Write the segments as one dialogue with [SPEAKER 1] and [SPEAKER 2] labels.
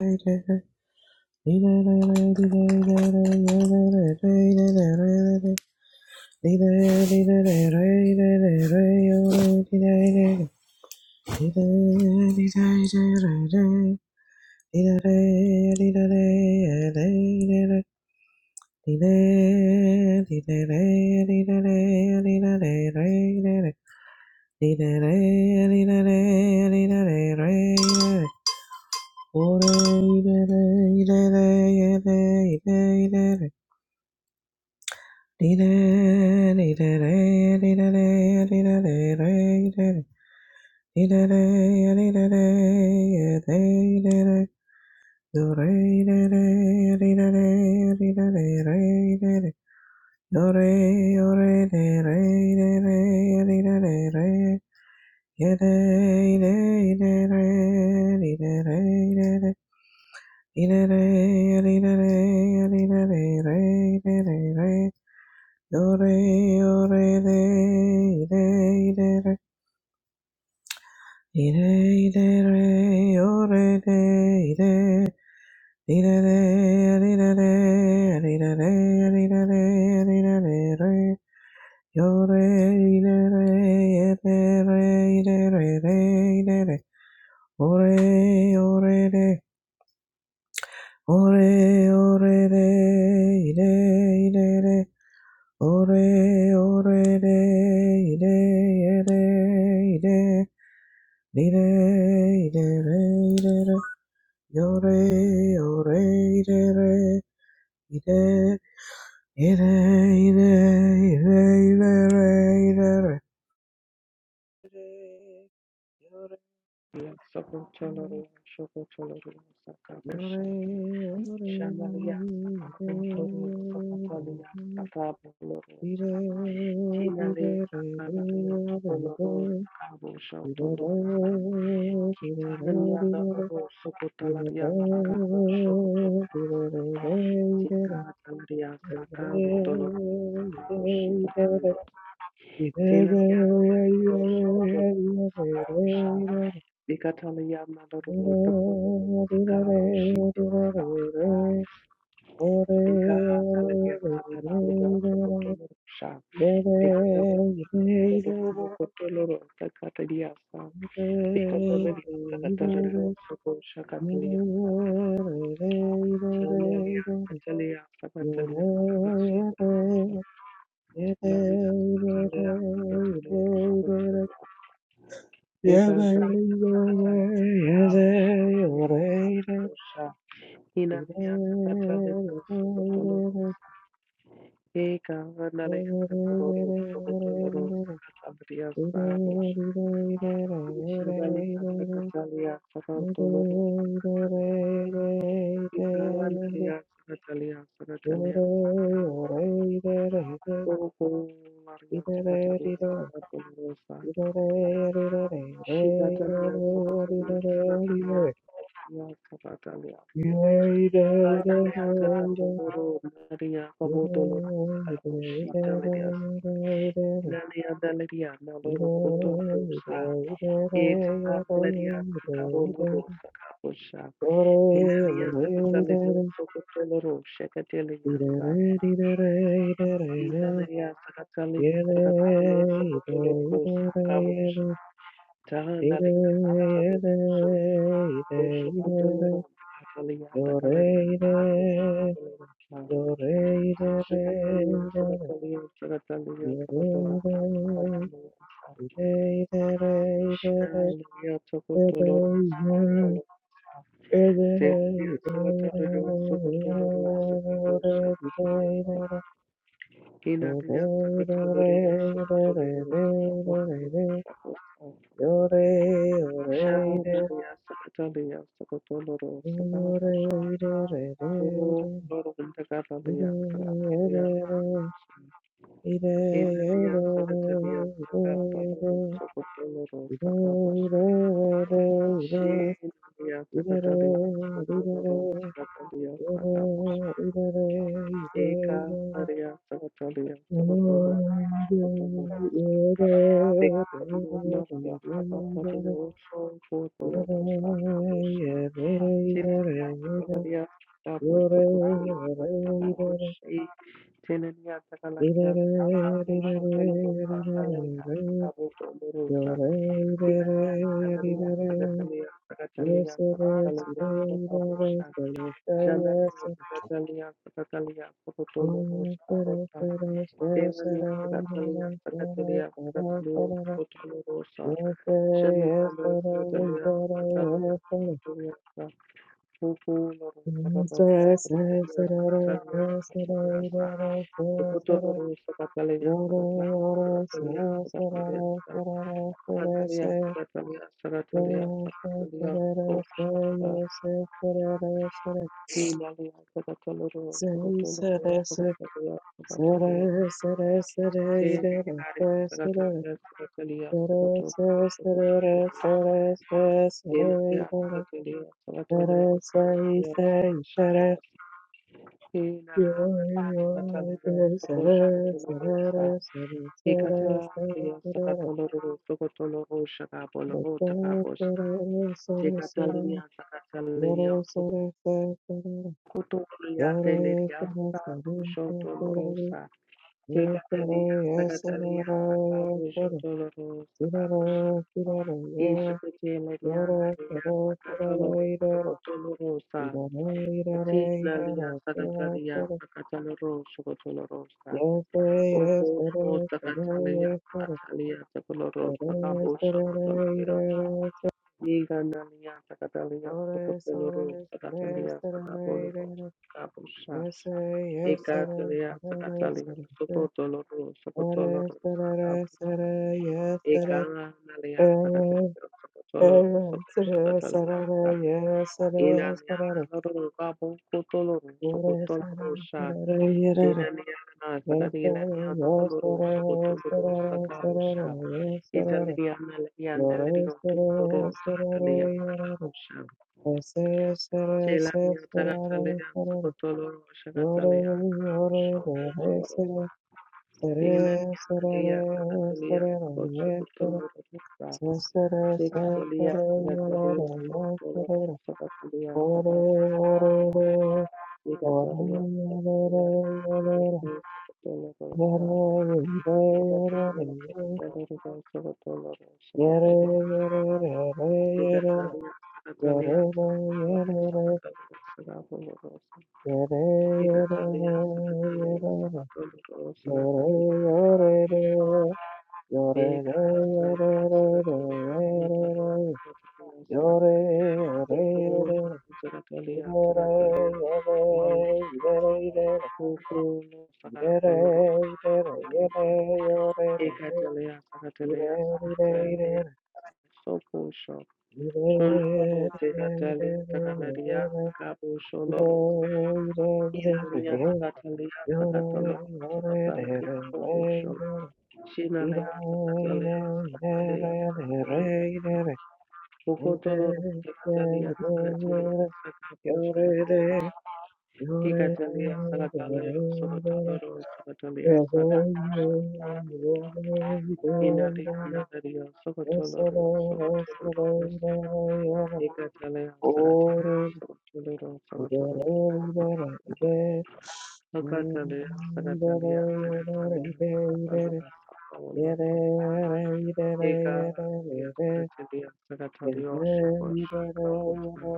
[SPEAKER 1] Ore ire, ire, ire, ire, ire, ire, Dee da dee da da dee da da dee da da dee da da dee da da dee da da do re da da dee da da dee da da re da da do re o re da re da da dee da da re ya da da da re dee da re da da dee da re dee da re dee da re re da da re Do re o re re re re re re re re o re re re re re re re re re re re re re yo re re yo re re re re re re re o re o re re o re o re re re re re o re o re re re re re Ore, ore, de, ide, ide, ide. Ire, ire, ire, ire, re. yore, yore, ire, ire, ire, ire, ire, ire, ire, ire, ire, re. yore,
[SPEAKER 2] Yes, Sokocholoria, Sokocholoria, Sakabesha,
[SPEAKER 1] yore, yore, ire,
[SPEAKER 2] Shamalia, Sakabo, Loria, Sokotolia, Sakabo,
[SPEAKER 1] ire,
[SPEAKER 2] Loria,
[SPEAKER 1] ire, ire,
[SPEAKER 2] Tinalia,
[SPEAKER 1] re, yore, ire,
[SPEAKER 2] Sakalaria,
[SPEAKER 1] ire, ire, ire,
[SPEAKER 2] Sokoloro, Sakabo, Shotolo, Tamania, Loro, Sokotalaria, Sakabo, Shokotol,
[SPEAKER 1] ire, ire, re.
[SPEAKER 2] Tika, Talaria, Sakabo, Doloro, Sakabo, Shita, Tinalia, Sokotol, Sakabo, Ikatalia Maduro Tokoro Takabo Ship Ikatalia Takatalia Tokoro Sha Ikatalia Tokoro Takatalia Sa Ikatalia Takatalia Soko Shakatalia Tamalia Katalia Takatalia Takasho Lamina Katalia Takatalia Soko
[SPEAKER 1] Yeah, Yeah,
[SPEAKER 2] Ikatalia Takatalia Takabo Shakatalia Sha Inaliya sakatolero sokotolero. Eka vanaliya nakoloro sokotolero sakataliya sabo. Shabaliya sakataliya sakatolero. Eka vanaliya sakataliya sakataliya sakatolero. Oko variya sakataliya sakatolero sa. Shikataliya sakataliya sakataliya maria sakataliya. Analiya sakatolero nariya kabotolero
[SPEAKER 1] Yore,
[SPEAKER 2] sakaboshitaliya Nanayandalariana loro kotolosa. Etalariana karolorosa kaposha. Inanayasa katalioso kotolorosha kateliasa. Inanayasa kataliasa katalioso kotolorosa kamosha. Tahanaliasa kataloroso. Osho kotolorosa kataliata kalariata kamosha kotolorosa. Shikataliasa kataliasa kataliasa katolorosa katolorosa. Hallelujah. Tokotoloro
[SPEAKER 1] Yore,
[SPEAKER 2] sakatolo. Tepiyo sakatoloro sokotoloro sakatolo sakatolo sa. Kinaliya sakatoloro sokotoloro sakatolo sakatolo sa. Shamaniya sakatoliya sokotoloro sakatolo sakatoloro vindakaraliya sakatoliya. Kinaliya sakatoliya sakatoloro sokotoloro sakatolo Shinaria Sakatalia Sakatolo Sakatalia
[SPEAKER 1] Yes, it is. Yes,
[SPEAKER 2] Sakatalia
[SPEAKER 1] it
[SPEAKER 2] Eka Maria Sakatalia Sakatolo Sakatolo Sakatalia Maria Sakatalia Sakatolo Sakatolo Shinaria Sakatalia Sakatolo Sakatolo Sakatolo
[SPEAKER 1] is.
[SPEAKER 2] Shinaria Sakatalia Sakatolo
[SPEAKER 1] Yes,
[SPEAKER 2] Sakatolo Sakatolo Sakatolo Thank
[SPEAKER 1] it is. Yes, Sara sara sara sara
[SPEAKER 2] you. Kanalia Sakatalia Sakatalia Sakatalia Koshakata Himalia Sakatalo Sakatolo Sakatalia Sakatalia
[SPEAKER 1] ida
[SPEAKER 2] Seminaria
[SPEAKER 1] sara sara
[SPEAKER 2] Sakatalia Sakatalia Sakatolo
[SPEAKER 1] Yes,
[SPEAKER 2] Sakatalia Inalia Sakatalia Sakatalia Sakatalia Ina Sakatalia Sakatalia Hikata Sakatolo Sakatolo Shakapolo Takapos Chekataleria sakataleria sokotoria teleria sabushodolorosa. Chekataleria sakataleria sabushodolorosa babusha. Ishukuteleria naleria sakatoloro sokotolorosa.
[SPEAKER 1] Yes,
[SPEAKER 2] Chekataleria sakataleria sakataloro sokotolorosa. Okoloro sakataleria sakatalia sokoloro sakabusha Yiganalia Sakatalia Sokopoloro Sakatalia Sakapoloro Sakapusha Ekatalia Sakatalia Sokotoloro Sokotoloro Sakapu Ekanalia Sakatalia Sokotoloro Sokotoloro Inaniana Loro Kapo Kotoloro Sokotoloro Sha Dinaniana
[SPEAKER 1] Yes,
[SPEAKER 2] Sakatila Sokotoloro Sokotoloro Sakapusha Italiana Liana Lirio
[SPEAKER 1] sir,
[SPEAKER 2] Toro Sakatalia Sakapusha Chelagatalaia, Sokotoloro, Shagatalia, Shokotoloro, Dina Yanadia, Sagatalia, Sokototomoro, Sigatalia, Sagatalia, Sokotoloro, Sagatalia, Sagat, Sigatalia, Sagatalia, Sokotoloro, Sigatalia, Sokotoloro, Sokotoloro,
[SPEAKER 1] Yore,
[SPEAKER 2] Sagatalia, Sigatalia, Sagatalia, Sokotoloro, Sagatalia, Bekatandia sakatandia sakatondoro sakatandia bekatandia sakatandia sakatandia sakatandia sa kokoro sakatandia sakatandia sakatandia kokoro sakapoloro sakatandia bekatandia sakatandia sakatandia sokosho koloro sakatandia sakatandia sakaposoloro Inalia
[SPEAKER 1] Yore,
[SPEAKER 2] sakatandia sakatoloro sakatandia sokosho Shinaleya Tapataleya Sataleya Sataleya Ukotolo Rumtataleya Sataleya Sakapo Shakataleya Hikataleya Sakataleya Sokotoloro Sakataleya Sak Inaleya Nagariya Sokotoloro Sokotoloro Hikataleya Sakataleya Sokotoloro
[SPEAKER 1] ഇതേറെ
[SPEAKER 2] Sokotoloro
[SPEAKER 1] ഇതേറെ ഇതേ
[SPEAKER 2] Sokataleya
[SPEAKER 1] ഉം,
[SPEAKER 2] Sakataleya
[SPEAKER 1] ഇതേറെ
[SPEAKER 2] Sakataleya Sakataleya
[SPEAKER 1] ഇതേറെ ഇതേ ഇതേറെ
[SPEAKER 2] Sakataleya
[SPEAKER 1] ഏറെ ഏറെ ഇതേറെ ഏറെ
[SPEAKER 2] Hikataleya
[SPEAKER 1] ഏറെ
[SPEAKER 2] Sakataleya Sakataleya Sokotoloro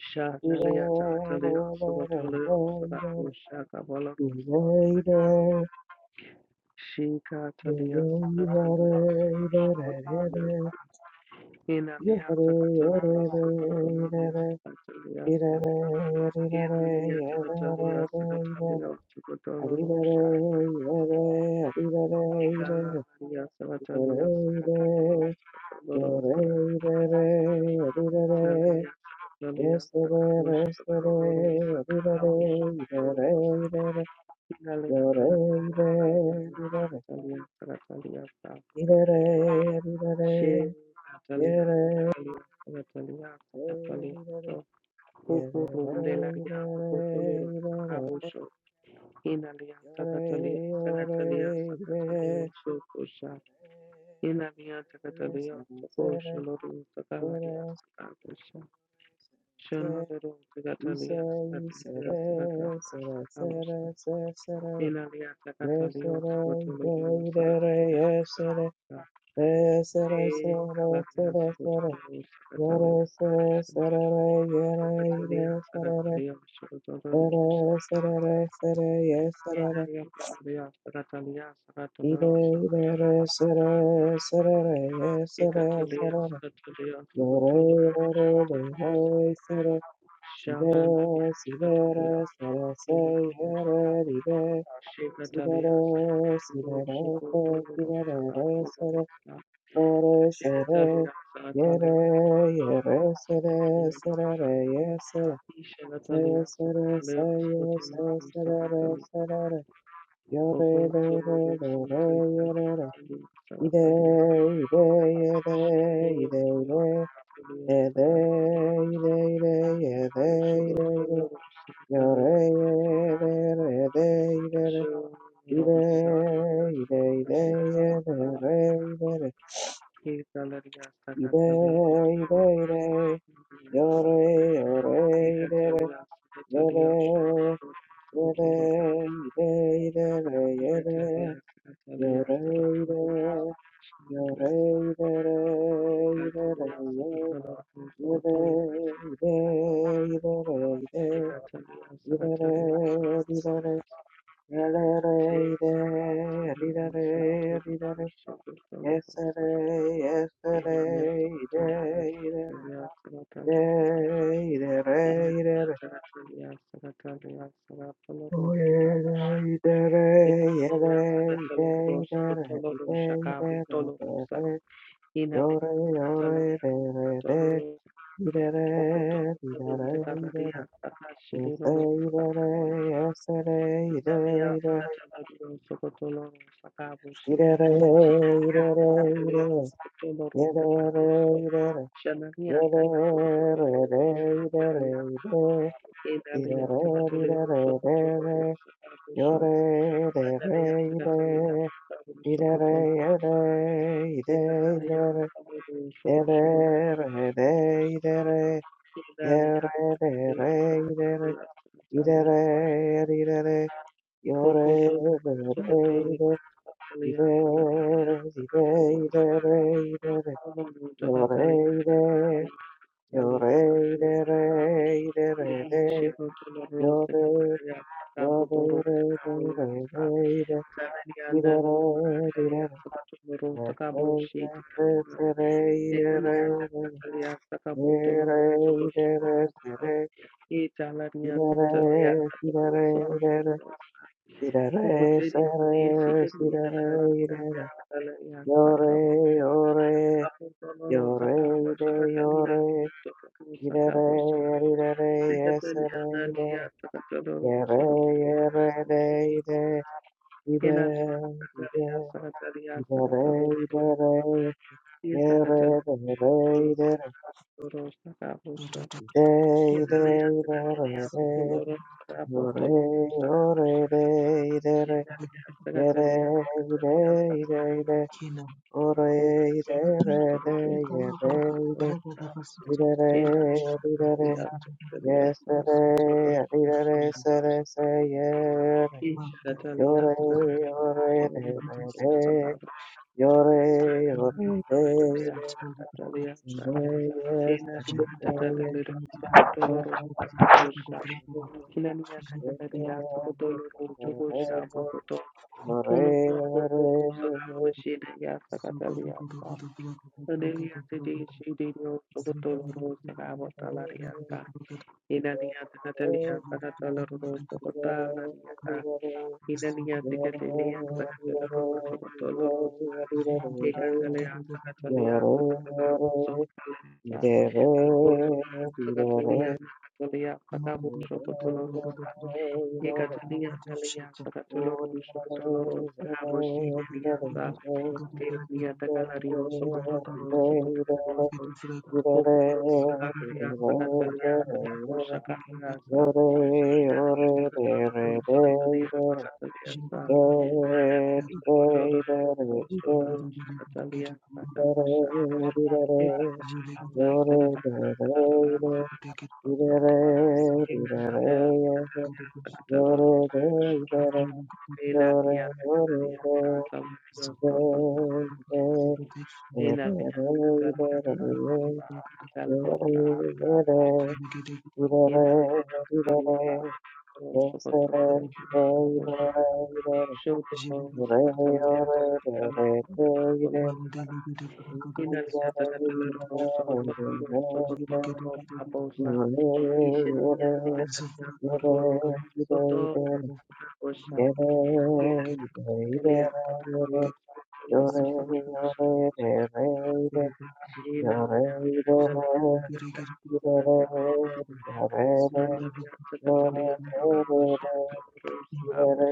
[SPEAKER 2] Shanalia Takatalia Sabatalia Sadako Shaka Balarosa Shika Talia Sakatalia Sakatalia Inalia Takatalia Sakatalia Sakatalia
[SPEAKER 1] ഏറെ
[SPEAKER 2] Inalia Takatalia
[SPEAKER 1] ഇതേറെ
[SPEAKER 2] Sakatalia Sakatalia
[SPEAKER 1] Adibere, adibere, adibere,
[SPEAKER 2] Ikanalia Sakatalia Sakatalia Sakatalia Talia Sakatalia Sakatalia
[SPEAKER 1] adibere, adibere, adibere,
[SPEAKER 2] Sakatalia
[SPEAKER 1] yesterday, yesterday, adibere,
[SPEAKER 2] Sakatalia
[SPEAKER 1] adibere,
[SPEAKER 2] Sakatalia
[SPEAKER 1] adibere,
[SPEAKER 2] Inaliata Catalios,
[SPEAKER 1] adibere, adibere,
[SPEAKER 2] Botolorium,
[SPEAKER 1] adibere, yere, adibere, yere, adibere, adibere, yore, yore, adibere, Yes, sir, sir, Yes,
[SPEAKER 2] Saratoria, Say, Kalakana Sotomayor, Sakatalia, Sakatalia, Sakatalia, Sotomayor, Sakatalia, Sakatalia, Sakatalia, Sakatalia, Sakatalia, Sakatalia, Sakatalia, Sharanaya,
[SPEAKER 1] Sibere,
[SPEAKER 2] Sakatalia,
[SPEAKER 1] sibere, sere, sei, here, ride.
[SPEAKER 2] Sakatalia, Shikatalia,
[SPEAKER 1] Sibere,
[SPEAKER 2] Sakatalia, Sokotolia, Sakatalia, Shikatalia, Sakatalia, Sakatalia,
[SPEAKER 1] sibere, te, sibere, re, sere, sore, sere. Yere, yere, sere, sere, re, ye, sere.
[SPEAKER 2] Sakatalia,
[SPEAKER 1] Se,
[SPEAKER 2] Shikatalia,
[SPEAKER 1] sere, se, ye, se,
[SPEAKER 2] Sakatalia, Sakatalia,
[SPEAKER 1] sere, re,
[SPEAKER 2] Sakatalia,
[SPEAKER 1] sere, re.
[SPEAKER 2] Thank you.
[SPEAKER 1] Yore, do, re, do, re, yere, re. Ide, ide, yede, ide, ide. Yede, ide, ide, yede, ide, ide. Yore,
[SPEAKER 2] Saratoria. Saratoria, Thank
[SPEAKER 1] Yesterday, yesterday, day, day, day, day, day, day. day. Oh, yeah, day, day, day, yeah, day, day, day, day, day, day, day. day. Yo, re, yo, re, de, re, de. Di, de, re, di, de, re, di, de, re. Yesterday, de,
[SPEAKER 2] you.
[SPEAKER 1] re, yesterday,
[SPEAKER 2] Shinaleya
[SPEAKER 1] day, day, day.
[SPEAKER 2] takatabariyo sokotolo
[SPEAKER 1] Di,
[SPEAKER 2] sakabushi.
[SPEAKER 1] de, re, di, de, re, di, de,
[SPEAKER 2] Shinaleya
[SPEAKER 1] re.
[SPEAKER 2] sokotolo ndakabushi.
[SPEAKER 1] Yore,
[SPEAKER 2] Shanaleya ndakabushi sokotolo sakabushi. Shinaleya sokotolo sokotolo sakabushi. Shanaleya sokotolo sakabushi sokotolo. Shinaleya sokotolo sokotolo sakabushi. Shinaleya sokotolo sokotolo sakabushi. Sokotolo sokotolo sakabushi. Thank
[SPEAKER 1] Yo re de re de re de yo de yo de re de re de de i de re di de re yes re yes re se re i de re i de re ye re i de re se re i de re si de re i de re si de re se re si de re i de re yo re yo re yo re i de yo re i de re
[SPEAKER 2] you.
[SPEAKER 1] i de re
[SPEAKER 2] Yes,
[SPEAKER 1] yes re Yere, yere, de, ide, ide, ide, idere, idere, yere, dere, idere, ide, ide, idere, de, yore, yore, de, idere, yere, ide, ide, ide,
[SPEAKER 3] Kina
[SPEAKER 1] ore, idere, de, yere, ide, idere, idere, yesere, idere, sere, se, yere, yore, yore, de, de, de, Yore, yore, hey,
[SPEAKER 2] Catalia,
[SPEAKER 1] yes,
[SPEAKER 2] Catalia,
[SPEAKER 1] hey, yes,
[SPEAKER 2] Kena,
[SPEAKER 1] hey,
[SPEAKER 2] Tagadalir, Topotoloro, Tatarosha,
[SPEAKER 1] yes,
[SPEAKER 2] Kinania, Tagadaria, Topotoloro, Chokosha, Bokoto, Kono, Bokoro, Sakamo, Shida, Yasa,
[SPEAKER 3] Zugo
[SPEAKER 2] Catalia, Taderia, Tede, Shidio, Topotoloro, Sakamo, Talaria, Inania,
[SPEAKER 3] Thank
[SPEAKER 2] Tagadalia, Tagatoloro, Sokotalaria, Inania,
[SPEAKER 1] Yore,
[SPEAKER 2] Tagadalia, Tagatoloro, Sokotoloro, Hekatalia, Sakatalia, Sakatalia, Sokalia, Sokoto, Sakatalia, Nakatalia, Sakabo,
[SPEAKER 1] yore,
[SPEAKER 2] Sokotolorosa,
[SPEAKER 1] Yore,
[SPEAKER 2] Hekatalia, Nalia,
[SPEAKER 1] Yore, yore, yore, yore, yore,
[SPEAKER 2] Sakatoloro, Sokotoloro, Sahabo, Shimelia, Sa, Telania, Takalario, Sokotoloro, Sokotoloro, Hokuto, Sakalia, Sakatalia, Sakabo, Shakalia, Sa, Inalia, Sakatoloro, Sakatalia, Sakatalia, Sa, Nalia, Sokotoloro, Sokotoloro, Sakatalia, Sakabo,
[SPEAKER 1] yore,
[SPEAKER 3] you. Zafra
[SPEAKER 1] yore, Yore,
[SPEAKER 2] Ina Elia Patrio Rosa Ina Lena
[SPEAKER 3] Zebra
[SPEAKER 2] Vital
[SPEAKER 1] Thank
[SPEAKER 2] Analia Tecatalia Tabus Abus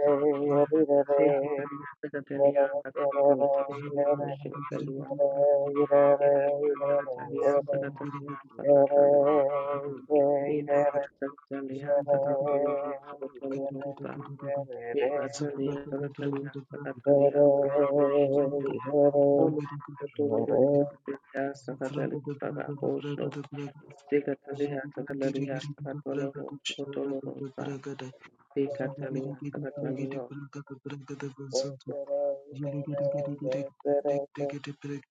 [SPEAKER 2] Seria Tecatalia Tecatalia Tecatalia Tecatalia Tecatalia Tecatalia Inalia
[SPEAKER 1] you.
[SPEAKER 2] Tecatalia Tecatalia Tecatalia Rosa Tecatalia Tecatalia Tecatalia Tecatalia Sakatalia,
[SPEAKER 3] Zubra
[SPEAKER 2] Sakatalia, Sakatolo, Sakatolo, Sakatalia, Sakatalia,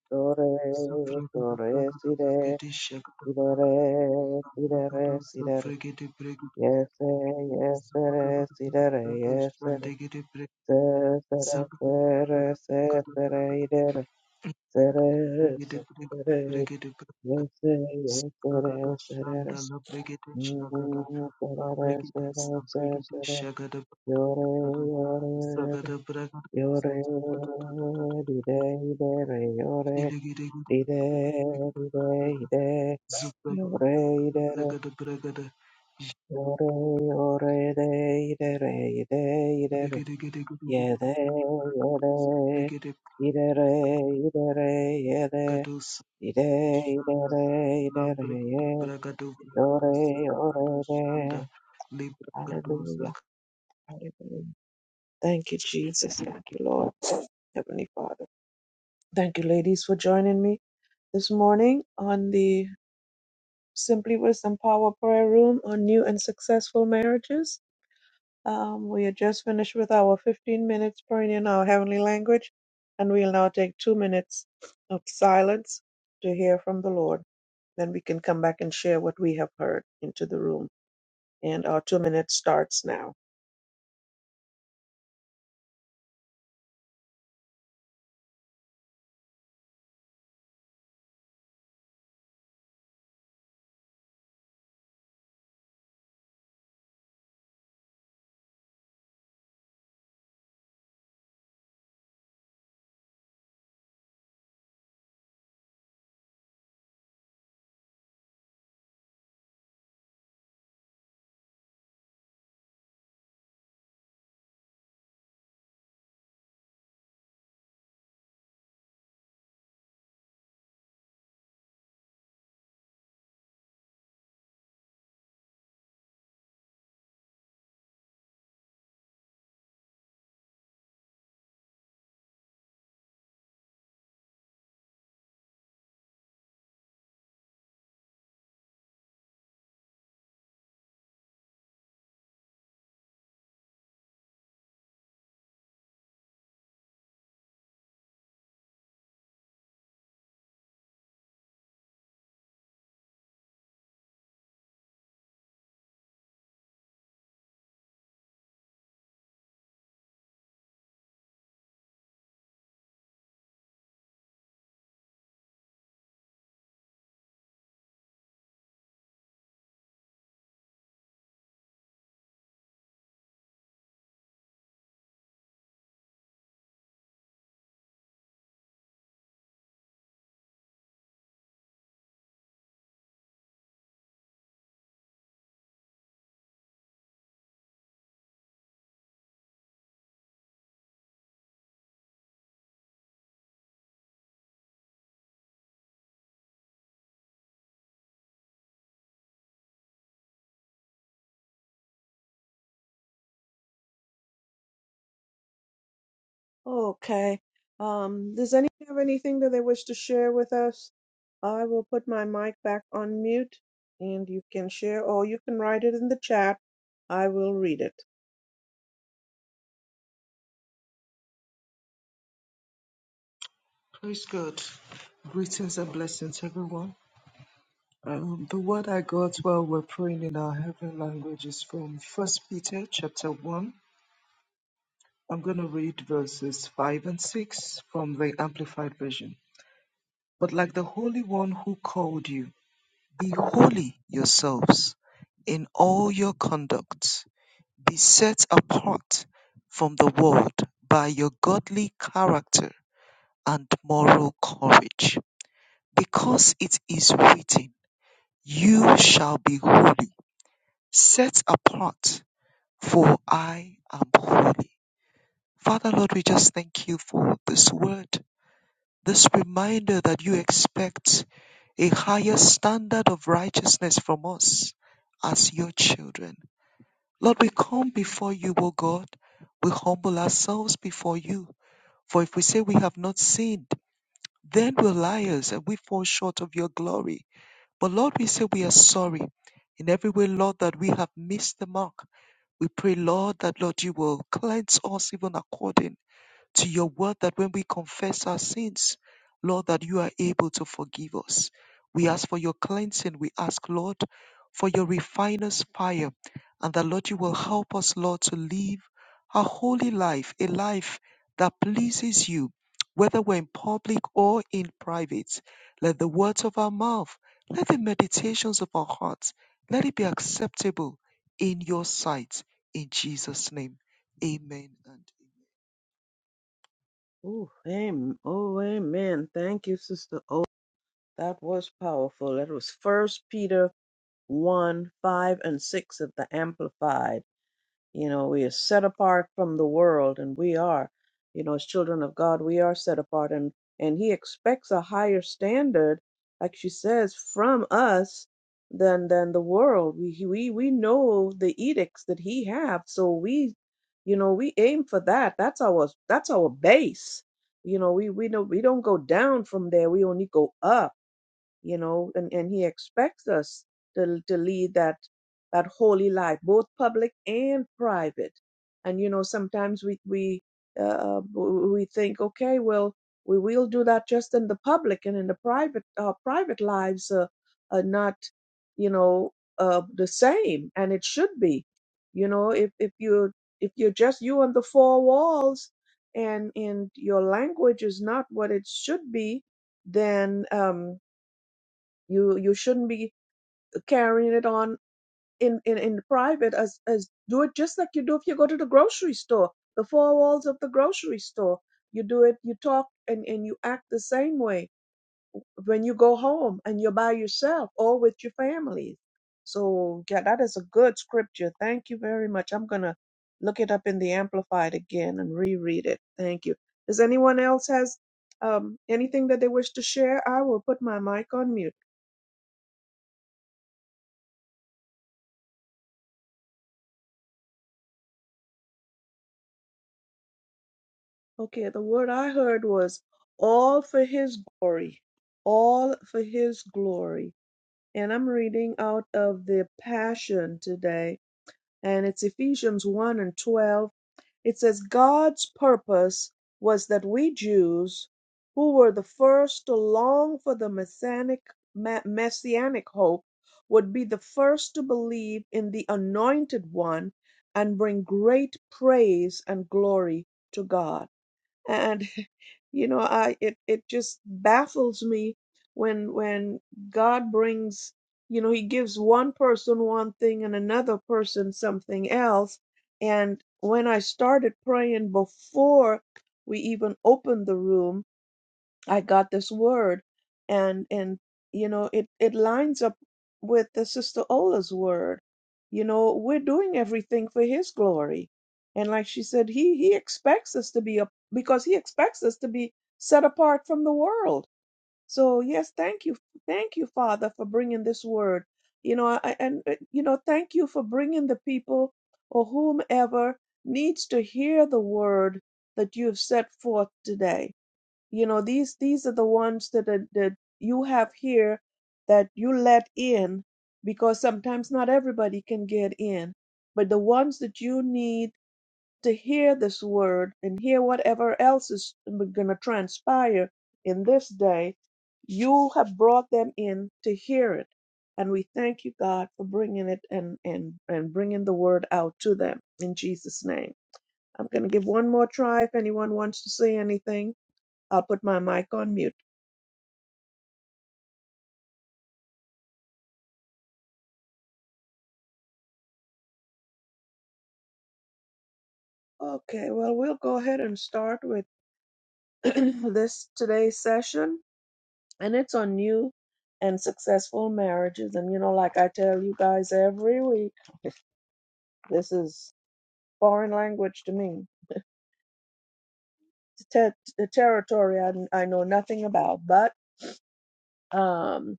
[SPEAKER 1] Do re, do re, si re, si re re, si re re, si re re. Yes, eh, yes, eh, re, si re re, yes, eh, re. Se, se re, se re, se, se re, i re re. Se re, se, se re, yes, eh, yes, eh,
[SPEAKER 3] Sagada
[SPEAKER 1] re, se re re.
[SPEAKER 3] Shanda La Brigade Shagada
[SPEAKER 1] Mm, se
[SPEAKER 3] La
[SPEAKER 1] re re, se
[SPEAKER 3] Brigade
[SPEAKER 1] re, se,
[SPEAKER 3] Sabrigade
[SPEAKER 1] se re.
[SPEAKER 3] Shagada
[SPEAKER 1] Yo re,
[SPEAKER 3] Bragada
[SPEAKER 1] yo re,
[SPEAKER 3] Zagada Bragada
[SPEAKER 1] yo re, di re, i re re, yo re.
[SPEAKER 3] Ziligida
[SPEAKER 1] Ide,
[SPEAKER 3] Brigada
[SPEAKER 1] ide,
[SPEAKER 3] Bragada
[SPEAKER 1] ide,
[SPEAKER 3] Zubagada
[SPEAKER 1] yore, idere,
[SPEAKER 3] Bragada Bragada
[SPEAKER 1] yore, yore, ide, idere, ide, idere,
[SPEAKER 3] Ligida
[SPEAKER 1] yede, yede,
[SPEAKER 3] Brigade
[SPEAKER 1] idere, idere, yede,
[SPEAKER 3] Gados
[SPEAKER 1] ide,
[SPEAKER 3] Shanda
[SPEAKER 1] idere, idere,
[SPEAKER 3] Lambrigade
[SPEAKER 1] ye,
[SPEAKER 3] Bragado Bragado
[SPEAKER 1] yore,
[SPEAKER 3] Sagada
[SPEAKER 1] yore, de.
[SPEAKER 3] Shanda Libragados
[SPEAKER 1] Hallelujah, hallelujah. Thank you, Jesus. Thank you, Lord. Heavenly Father. Thank you, ladies, for joining me this morning on the Simply Wisdom Power Prayer Room on New and Successful Marriages. Um, we are just finished with our 15 minutes praying in our heavenly language, and we'll now take two minutes of silence to hear from the Lord. Then we can come back and share what we have heard into the room. And our two minutes starts now. Okay. Um, does anyone have anything that they wish to share with us? I will put my mic back on mute and you can share or you can write it in the chat. I will read it.
[SPEAKER 3] Praise God. Greetings and blessings, everyone. Um, the word I got while we're praying in our heavenly language is from First Peter chapter one. I'm going to read verses five and six from the Amplified Version. But like the Holy One who called you, be holy yourselves in all your conduct. Be set apart from the world by your godly character and moral courage, because it is written, "You shall be holy." set apart, for I am holy. Father Lord, we just thank you for this word, this reminder that you expect a higher standard of righteousness from us as your children. Lord, we come before you, O God. We humble ourselves before you. For if we say we have not sinned, then we're liars and we fall short of your glory. But Lord, we say we are sorry in every way, Lord, that we have missed the mark. We pray, Lord, that Lord, you will cleanse us even according to your word that when we confess our sins, Lord, that you are able to forgive us. We ask for your cleansing. We ask, Lord, for your refiner's fire. And that, Lord, you will help us, Lord, to live a holy life, a life that pleases you, whether we're in public or in private. Let the words of our mouth, let the meditations of our hearts, let it be acceptable in your sight. In Jesus' name, amen and
[SPEAKER 1] Ooh, amen. Oh, amen. Thank you, Sister O. That was powerful. That was First Peter 1, 5, and 6 of the Amplified. You know, we are set apart from the world, and we are, you know, as children of God, we are set apart, and and He expects a higher standard, like she says, from us than than the world. We he- we we know the edicts that He have, so we, you know, we aim for that. That's our that's our base. You know, we we know we don't go down from there. We only go up you know and, and he expects us to, to lead that that holy life both public and private and you know sometimes we we uh, we think okay well we will do that just in the public and in the private our private lives uh, are not you know uh, the same and it should be you know if if you if you're just you on the four walls and and your language is not what it should be then um you you shouldn't be carrying it on in in, in private as as do it just like you do if you go to the grocery store, the four walls of the grocery store. You do it, you talk and, and you act the same way when you go home and you're by yourself or with your families. So yeah, that is a good scripture. Thank you very much. I'm gonna look it up in the Amplified again and reread it. Thank you. Does anyone else has um, anything that they wish to share? I will put my mic on mute. Okay, the word I heard was all for his glory, all for his glory. And I'm reading out of the Passion today, and it's Ephesians 1 and 12. It says, God's purpose was that we Jews, who were the first to long for the messianic, ma- messianic hope, would be the first to believe in the Anointed One and bring great praise and glory to God and you know i it it just baffles me when when god brings you know he gives one person one thing and another person something else and when i started praying before we even opened the room I got this word, and and you know it it lines up with the sister Ola's word. You know we're doing everything for His glory, and like she said, He He expects us to be a because He expects us to be set apart from the world. So yes, thank you, thank you, Father, for bringing this word. You know, I, and uh, you know, thank you for bringing the people or whomever needs to hear the word that you have set forth today you know these these are the ones that are, that you have here that you let in because sometimes not everybody can get in but the ones that you need to hear this word and hear whatever else is going to transpire in this day you have brought them in to hear it and we thank you god for bringing it and and and bringing the word out to them in jesus name i'm going to give one more try if anyone wants to say anything I'll put my mic on mute. Okay, well, we'll go ahead and start with this today's session, and it's on new and successful marriages. And you know, like I tell you guys every week, this is foreign language to me, It's ter- the territory I, I know nothing about. But um,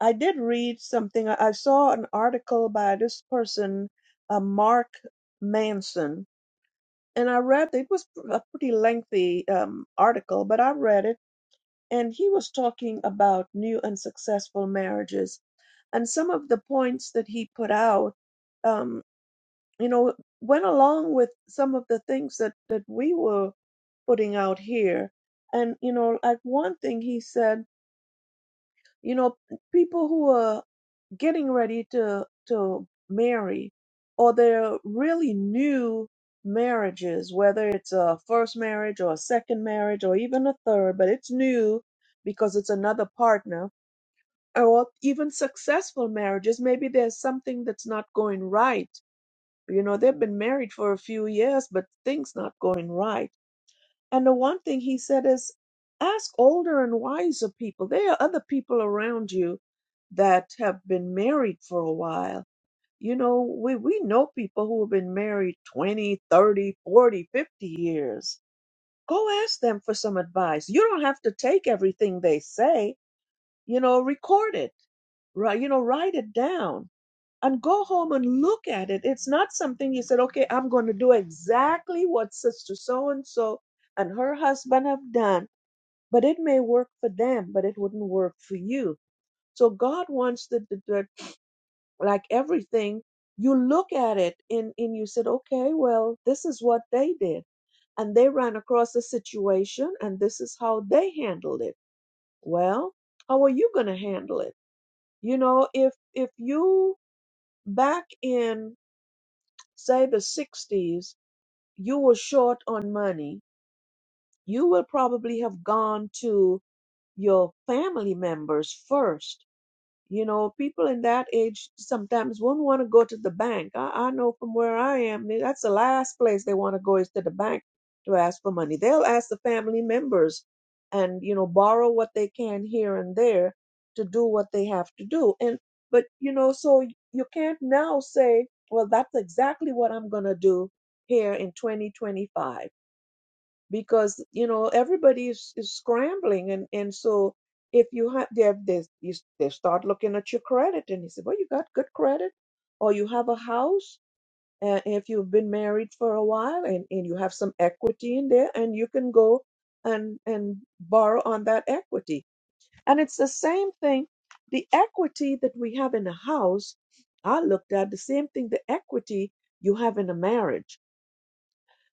[SPEAKER 1] I did read something. I, I saw an article by this person, uh, Mark Manson, and I read it was a pretty lengthy um, article, but I read it and he was talking about new and successful marriages and some of the points that he put out um, you know went along with some of the things that that we were putting out here and you know like one thing he said you know people who are getting ready to to marry or they're really new marriages whether it's a first marriage or a second marriage or even a third but it's new because it's another partner or even successful marriages maybe there's something that's not going right you know they've been married for a few years but things not going right and the one thing he said is ask older and wiser people there are other people around you that have been married for a while you know, we, we know people who have been married 20, 30, 40, 50 years. Go ask them for some advice. You don't have to take everything they say. You know, record it, right? You know, write it down and go home and look at it. It's not something you said, okay, I'm going to do exactly what Sister So and so and her husband have done, but it may work for them, but it wouldn't work for you. So God wants the the. the like everything you look at it and, and you said okay well this is what they did and they ran across a situation and this is how they handled it well how are you going to handle it you know if if you back in say the 60s you were short on money you will probably have gone to your family members first You know, people in that age sometimes won't want to go to the bank. I, I know from where I am, man, that's the last place they want to go is to the bank to ask for money. They'll ask the family members and, you know, borrow what they can here and there to do what they have to do. And, but, you know, so y- you can't now say, well, that's exactly what I'm going to do here in 2025 because you know everybody is, is scrambling and and so if you have they have they, you s- they start looking at your credit and he said well you got good credit or you have a house and if you've been married for a while and, and you have some equity in there and you can go and and borrow on that equity and it's the same thing the equity that we have in a house i looked at the same thing the equity you have in a marriage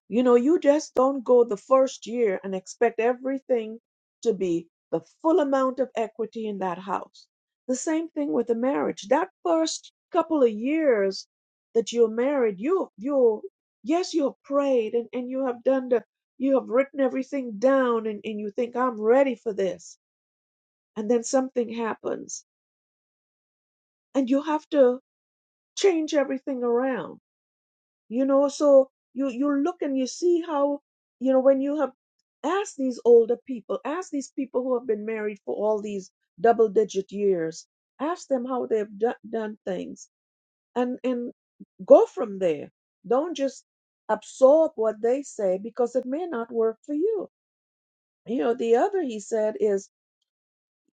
[SPEAKER 1] you know, you just don't go the first year and expect everything to be the full amount of equity in that house. The same thing with a marriage. That first couple of years that you're married, you you yes, you have prayed and, and you have done the you have written everything down and, and you think I'm ready for this. And then something happens and you have to change everything around you know so you you look and you see how you know when you have asked these older people ask these people who have been married for all these double digit years ask them how they've do- done things and and go from there don't just absorb what they say because it may not work for you you know the other he said is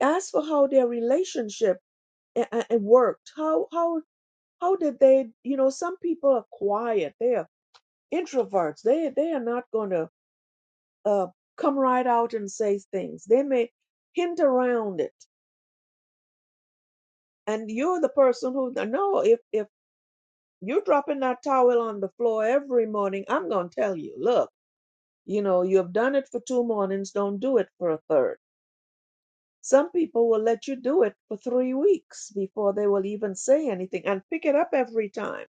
[SPEAKER 1] ask for how their relationship a- a- a worked how how how did they you know some people are quiet they are introverts they they are not going to uh, come right out and say things they may hint around it and you're the person who no if if you're dropping that towel on the floor every morning i'm going to tell you look you know you have done it for two mornings don't do it for a third some people will let you do it for three weeks before they will even say anything and pick it up every time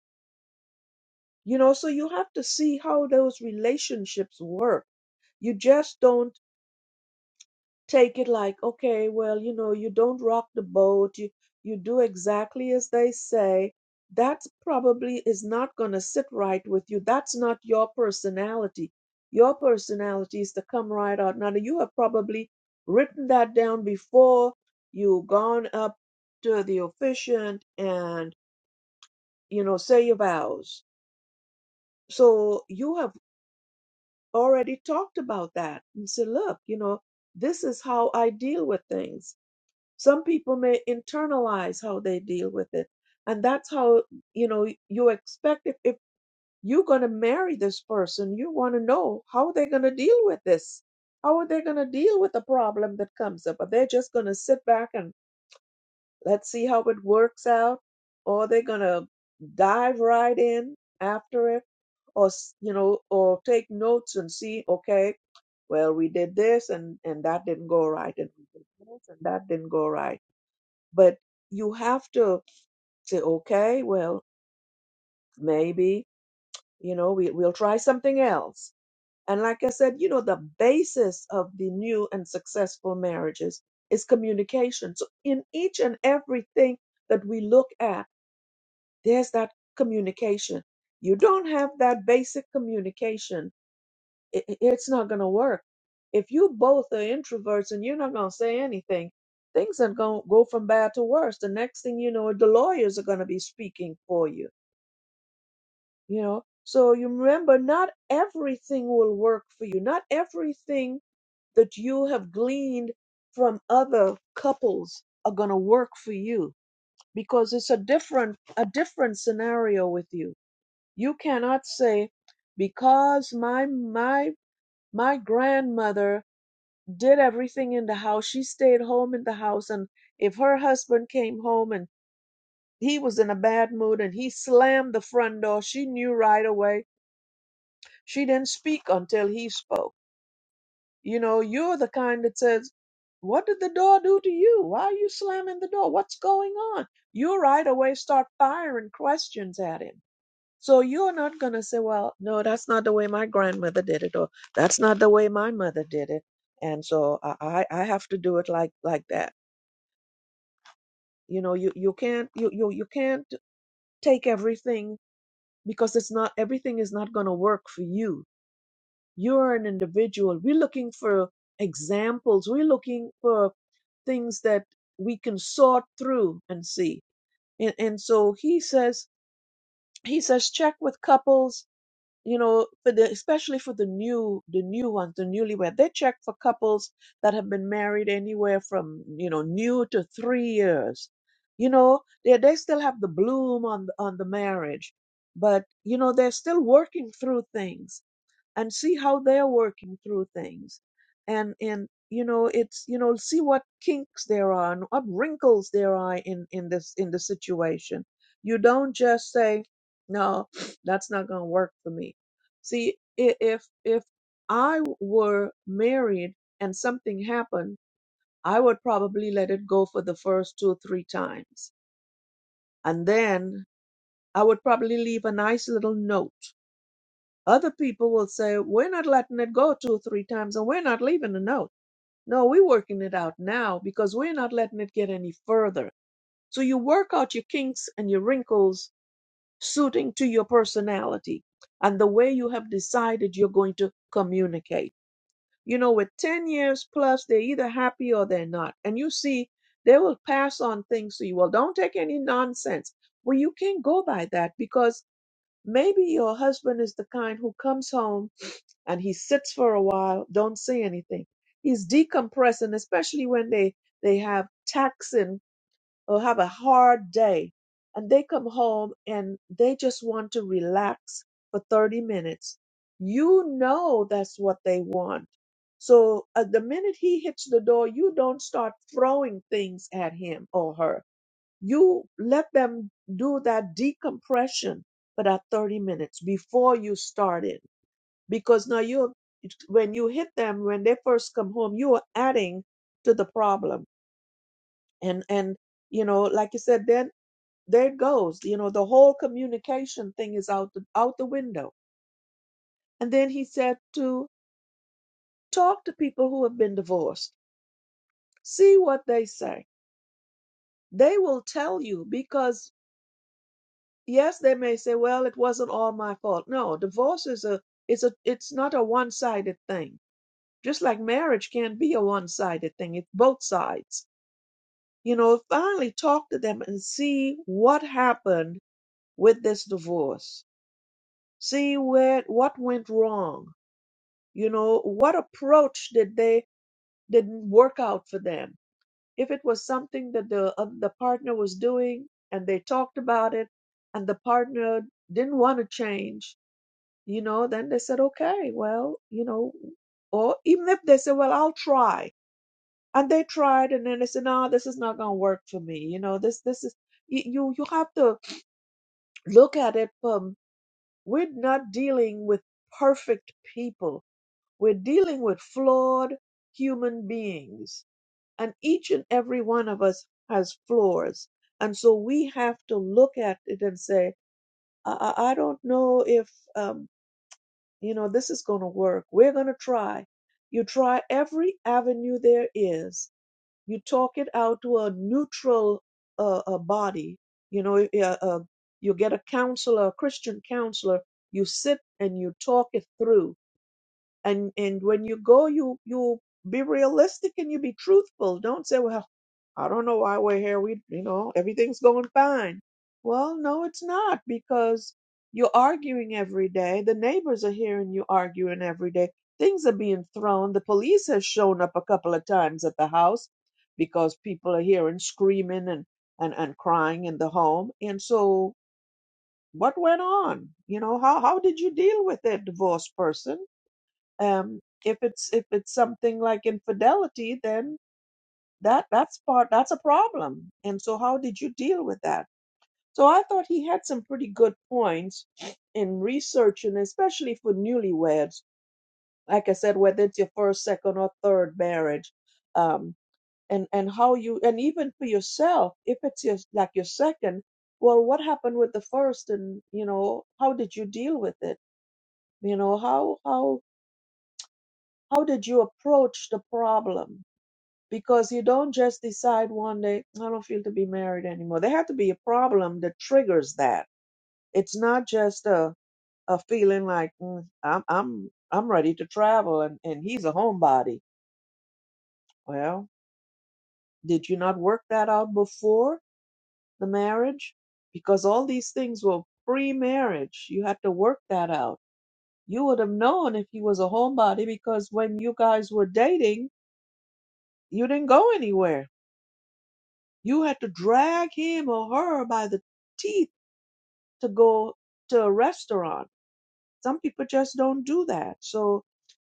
[SPEAKER 1] you know so you have to see how those relationships work you just don't take it like, okay, well, you know, you don't rock the boat, you, you do exactly as they say, that probably is not going to sit right with you. That's not your personality. Your personality is to come right out. Now, you have probably written that down before you've gone up to the officiant and, you know, say your vows. So you have already talked about that and said, look, you know, this is how I deal with things Some people may internalize how they deal with it. And that's how, you know, you expect if, if you're going to marry this person, you want to know how they're going to deal with this. How are they going to deal with the problem that comes up? Are they just going to sit back and let's see how it works out? Or are they going to dive right in after it? Or, s- you know, or take notes and see, okay, well, we did this and, and that didn't go right. And we did this and that didn't go right but you have to say okay well maybe you know we, we'll try something else and like i said you know the basis of the new and successful marriages is communication so in each and everything that we look at there's that communication you don't have that basic communication it, it- it's not going to work. If you both are introverts and you're not going to say anything, things are going to go from bad to worse. The next thing you know, the lawyers are going to be speaking for you, you know? So you remember, not everything will work for you. Not everything that you have gleaned from other couples are going to work for you because it's a different, a different scenario with you. You cannot say, because my, my, my grandmother did everything in the house. She stayed home in the house. And if her husband came home and he was in a bad mood and he slammed the front door, she knew right away. She didn't speak until he spoke. You know, you're the kind that says, What did the door do to you? Why are you slamming the door? What's going on? You right away start firing questions at him. So you're not going to say, Well, no, that's not the way my grandmother did it, or that's not the way my mother did it. And so I, I I have to do it like like that you know you you can't you you, you can't take everything because it's not everything is not going to work for you you're an individual we're looking for examples we're looking for things that we can sort through and see and, and so he says he says check with couples you know, for the especially for the new the new ones, the newlywed, they check for couples that have been married anywhere from you know new to three years. You know, they they still have the bloom on the- on the marriage, but you know they're still working through things and see how they're working through things and and you know it's you know see what kinks there are and what wrinkles there are in in this in the situation you don't just say no that's not going to work for me see i- if if i were married and something happened i would probably let it go for the first two or three times and then i would probably leave a nice little note other people will say, we're not letting it go two or three times and we're not leaving a note. No, we're working it out now because we're not letting it get any further. So you work out your kinks and your wrinkles suiting to your personality and the way you have decided you're going to communicate. You know, with 10 years plus, they're either happy or they're not. And you see, they will pass on things to you. Well, don't take any nonsense. Well, you can't go by that because maybe your husband is the kind who comes home and he sits for a while, don't say anything. He's decompressing, especially when they, they have taxing or have a hard day and they come home and they just want to relax for 30 minutes. You know that's what they want. So at the minute he hits the door, you don't start throwing things at him or her. You let them do that decompression for that 30 minutes before you start it because now you when you hit them when they first come home you are adding to the problem and and you know like you said then there it goes you know the whole communication thing is out the, out the window and then he said to talk to people who have been divorced see what they say they will tell you because yes they may say well it wasn't all my fault no divorce is a it's a it's not a one-sided thing just like marriage can't be a one-sided thing it's both sides you know, finally talk to them and see what happened with this divorce. See where what went wrong. You know, what approach did they didn't work out for them? If it was something that the uh, the partner was doing and they talked about it and the partner didn't want to change, you know, then they said, okay, well, you know, or even if they said, well, I'll try and they tried and then they said no this is not going to work for me you know this this is y- you you have to look at it from we're not dealing with perfect people we're dealing with flawed human beings and each and every one of us has flaws and so we have to look at it and say i, I I don't know if um, you know this is going to work we're going to try you try every avenue there is you talk it out to a neutral uh, a body you know uh, uh, you get a counselor a christian counselor you sit and you talk it through and and when you go you you be realistic and you be truthful don't say well i don't know why we're here we you know everything's going fine well no it's not because you're arguing every day the neighbors are hearing you arguing every day things are being thrown the police has shown up a couple of times at the house because people are hearing screaming and and, and crying in the home and so what went on you know how how did you deal with that divorced person um, if it's if it's something like infidelity then that that's part that's a problem and so how did you deal with that so i thought he had some pretty good points in research and especially for newlyweds like i said whether it's your first second or third marriage um, and and how you and even for yourself if it's your like your second well what happened with the first and you know how did you deal with it you know how how how did you approach the problem because you don't just decide one day, I don't feel to be married anymore. There had to be a problem that triggers that. It's not just a, a feeling like "Mm, I'm I'm I'm ready to travel and, and he's a homebody. Well, did you not work that out before the marriage? Because all these things were pre marriage. You had to work that out. You would have known if he was a homebody because when you guys were dating, you didn't go anywhere. You had to drag him or her by the teeth to go to a restaurant. Some people just don't do that. So,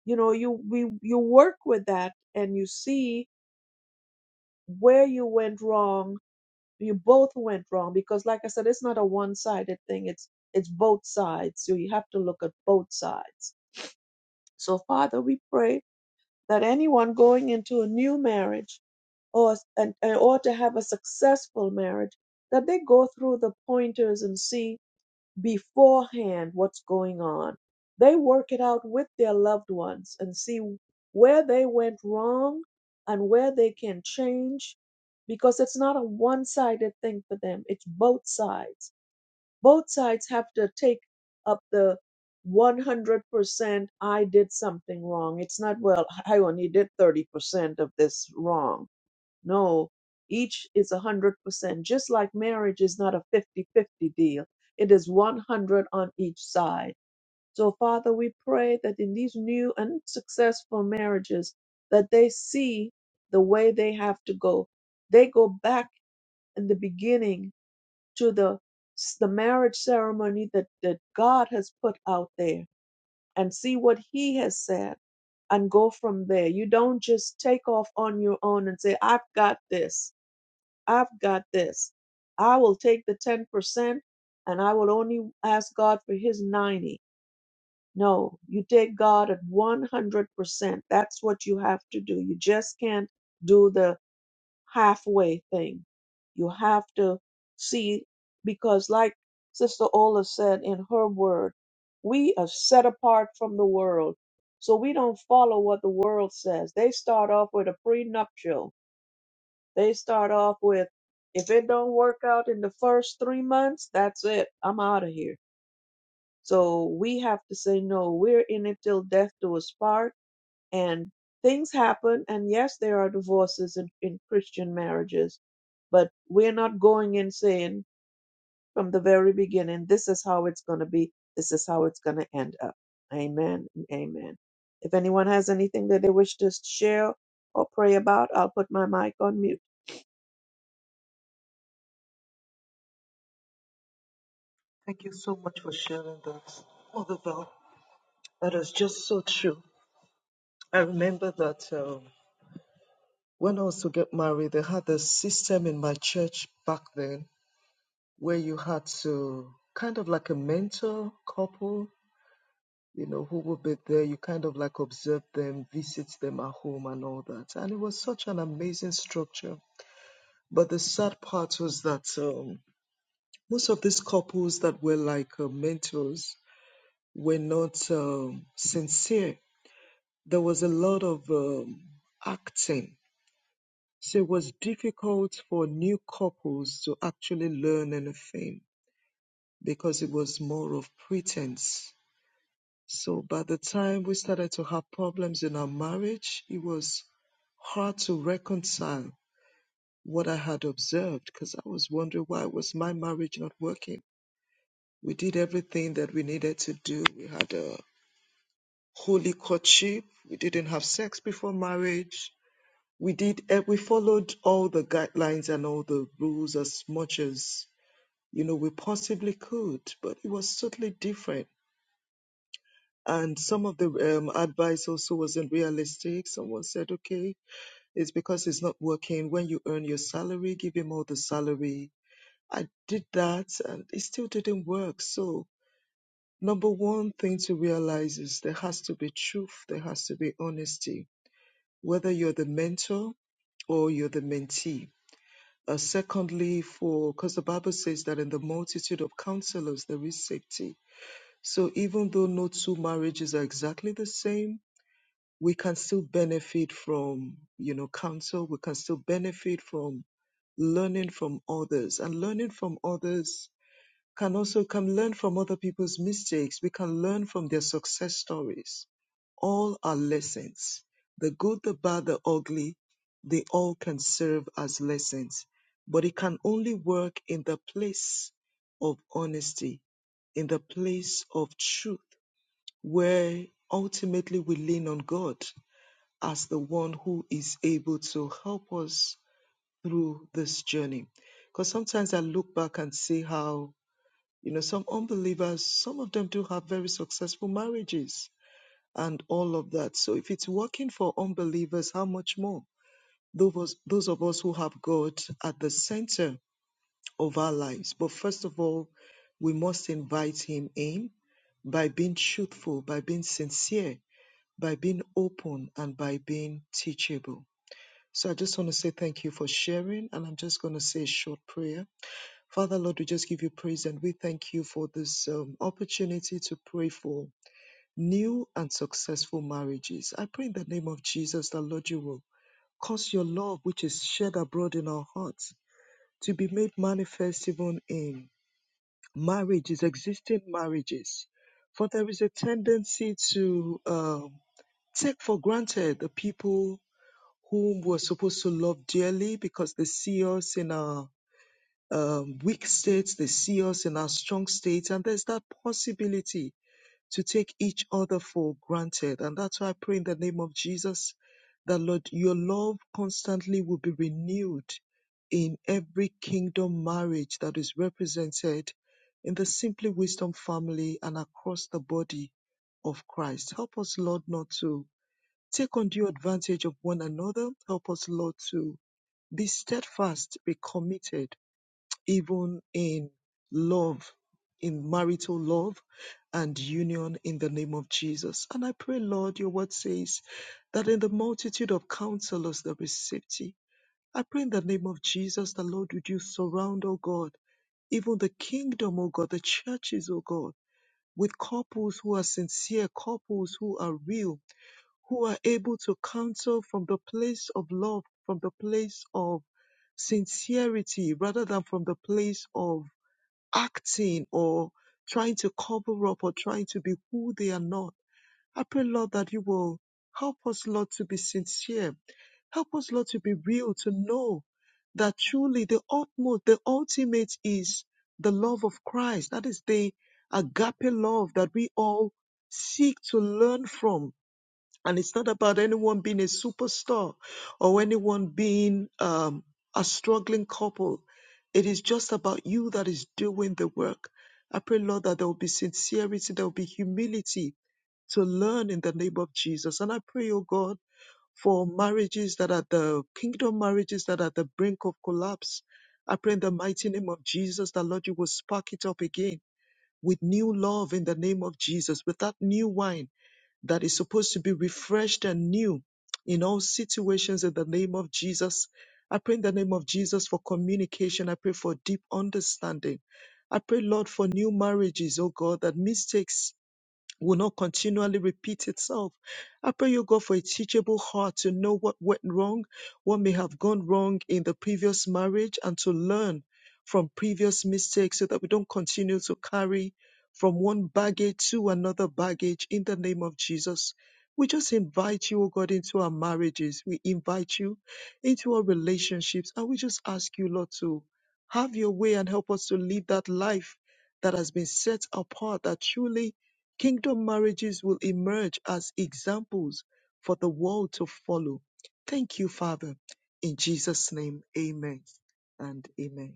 [SPEAKER 1] you know, you we you work with that and you see where you went wrong. You both went wrong because like I said, it's not a one-sided thing. It's it's both sides. So you have to look at both sides. So Father, we pray that anyone going into a new marriage or and, or to have a successful marriage, that they go through the pointers and see beforehand what's going on. They work it out with their loved ones and see where they went wrong and where they can change because it's not a one sided thing for them, it's both sides. Both sides have to take up the 100% I did something wrong. It's not, well, I only did 30% of this wrong. No, each is a 100%. Just like marriage is not a fifty-fifty deal, it is 100 on each side. So, Father, we pray that in these new and successful marriages, that they see the way they have to go. They go back in the beginning to the, the marriage ceremony that, that God has put out there and see what He has said and go from there. You don't just take off on your own and say, I've got this. I've got this. I will take the 10% and I will only ask God for his 90. No, you take God at 100%. That's what you have to do. You just can't do the halfway thing. You have to see, because like Sister Ola said in her word, we are set apart from the world. So we don't follow what the world says. They start off with a prenuptial they start off with, if it don't work out in the first three months, that's it. I'm out of here. So we have to say, no, we're in it till death do us part. And things happen. And yes, there are divorces in, in Christian marriages, but we're not going in saying from the very beginning, this is how it's going to be. This is how it's going to end up. Amen. and Amen. If anyone has anything that they wish to share or pray about, I'll put my mic on mute.
[SPEAKER 3] Thank you so much for sharing that, Mother Val. That is just so true. I remember that um, when I was to get married, they had a system in my church back then where you had to kind of like a mentor couple, you know, who would be there. You kind of like observe them, visit them at home, and all that. And it was such an amazing structure. But the sad part was that um, most of these couples that were like uh, mentors were not um, sincere there was a lot of um, acting. So it was difficult for new couples to actually learn anything because it was more of pretense. So by the time we started to have problems in our marriage, it was hard to reconcile what I had observed because I was wondering why was my marriage not working. We did everything that we needed to do. We had a holy courtship. We didn't have sex before marriage we did eh, we followed all the guidelines and all the rules as much as you know we possibly could but it was totally different and some of the um, advice also wasn't realistic someone said okay it's because it's not working when you earn your salary give him all the salary i did that and it still didn't work so number one thing to realize is there has to be truth there has to be honesty whether you're the mentor or you're the mentee Uh, secondly, for because the Bible says that in the multitude of counselors there is safety. So even though no two marriages are exactly the same, we can still benefit from you know counsel. We can still benefit from learning from others, and learning from others can also can learn from other people's mistakes. We can learn from their success stories. All are lessons. The good, the bad, the ugly, they all can serve as lessons. But it can only work in the place of honesty, in the place of truth, where ultimately we lean on God as the one who is able to help us through this journey. Because sometimes I look back and see how you know, some unbelievers, some of them do have very successful marriages and all of that. So if it's working for unbelievers, how much more? Those of us, those of us who have God at the center of our lives. But first of all, we must invite Him in by being truthful, by being sincere, by being open, and by being teachable. So I just want to say thank you for sharing, and I'm just going to say a short prayer. Father, Lord, we just give you praise and we thank you for this um, opportunity to pray for new and successful marriages. I pray in the name of Jesus that, Lord, you will cause your love, which is shed abroad in our hearts, to be made manifest even in marriages, existing marriages. For there is a tendency to um, take for granted the people whom we're supposed to love dearly because they see us in our um, weak states, they see us in our strong states, and there's that possibility to take each other for granted. And that's why I pray in the name of Jesus that, Lord, your love constantly will be renewed in every kingdom marriage that is represented in the Simply Wisdom family and across the body of Christ. Help us, Lord, not to take undue advantage of one another. Help us, Lord, to be steadfast, be committed even in love, in marital love and union in the name of Jesus. And I pray, Lord, your word says that in the multitude of counselors there is safety. I pray in the name of Jesus, the Lord, would you surround, O God, even the kingdom, O God, the churches, O God, with couples who are sincere, couples who are real, who are able to counsel from the place of love, from the place of sincerity rather than from the place of acting or trying to cover up or trying to be who they are not. I pray, Lord, that you will help us, Lord, to be sincere. Help us, Lord, to be real, to know that truly the utmost, the ultimate is the love of Christ. That is the agape love that we all seek to learn from and it's not about anyone being a superstar or anyone being um, a struggling couple. It is just about you that is doing the work. I pray, Lord, that there will be sincerity, there will be humility to learn in the name of Jesus. And I pray, oh God, for marriages that are the kingdom marriages that are at the brink of collapse. I pray in the mighty name of Jesus that, Lord, you will spark it up again with new love in the name of Jesus, with that new wine that is supposed to be refreshed and new in all situations in the name of Jesus. I pray in the name of Jesus for communication. I pray for deep understanding. I pray, Lord, for new marriages, oh God, that mistakes will not continually repeat itself. I pray you, God, for a teachable heart to know what went wrong, what may have gone wrong in the previous marriage, and to learn from previous mistakes so that we don't continue to carry from one baggage to another baggage in the name of Jesus. We just invite you, O God, into our marriages. We invite you into our relationships. And we just ask you, Lord, to have your way and help us to live that life that has been set apart, that truly Kingdom marriages will emerge as examples for the world to follow. Thank you, Father. In Jesus' name, amen and amen.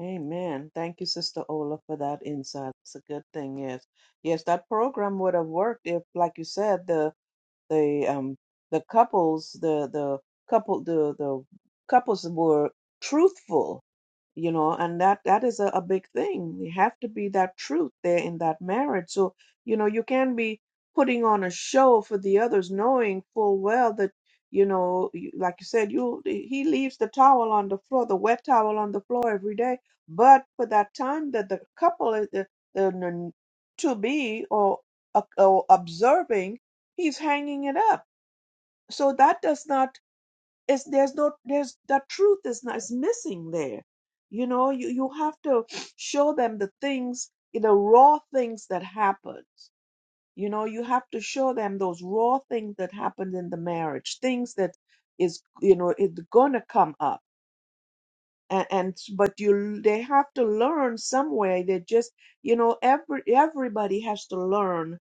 [SPEAKER 1] Amen. Thank you, Sister Ola, for that insight. It's a good thing, yes. Yes, that program would have worked if, like you said, the the um the couples the the couple the the couples were truthful you know and that that is a, a big thing you have to be that truth there in that marriage so you know you can be putting on a show for the others knowing full well that you know you- like you said you he leaves the towel on the floor the wet towel on the floor every day but for that time that the couple is the, the, the to be or, uh, or observing he's hanging it up so that does not is there's no there's the truth is not is missing there you know you, you have to show them the things the raw things that happened you know you have to show them those raw things that happened in the marriage things that is you know it's gonna come up and, and but you they have to learn some way they just you know every everybody has to learn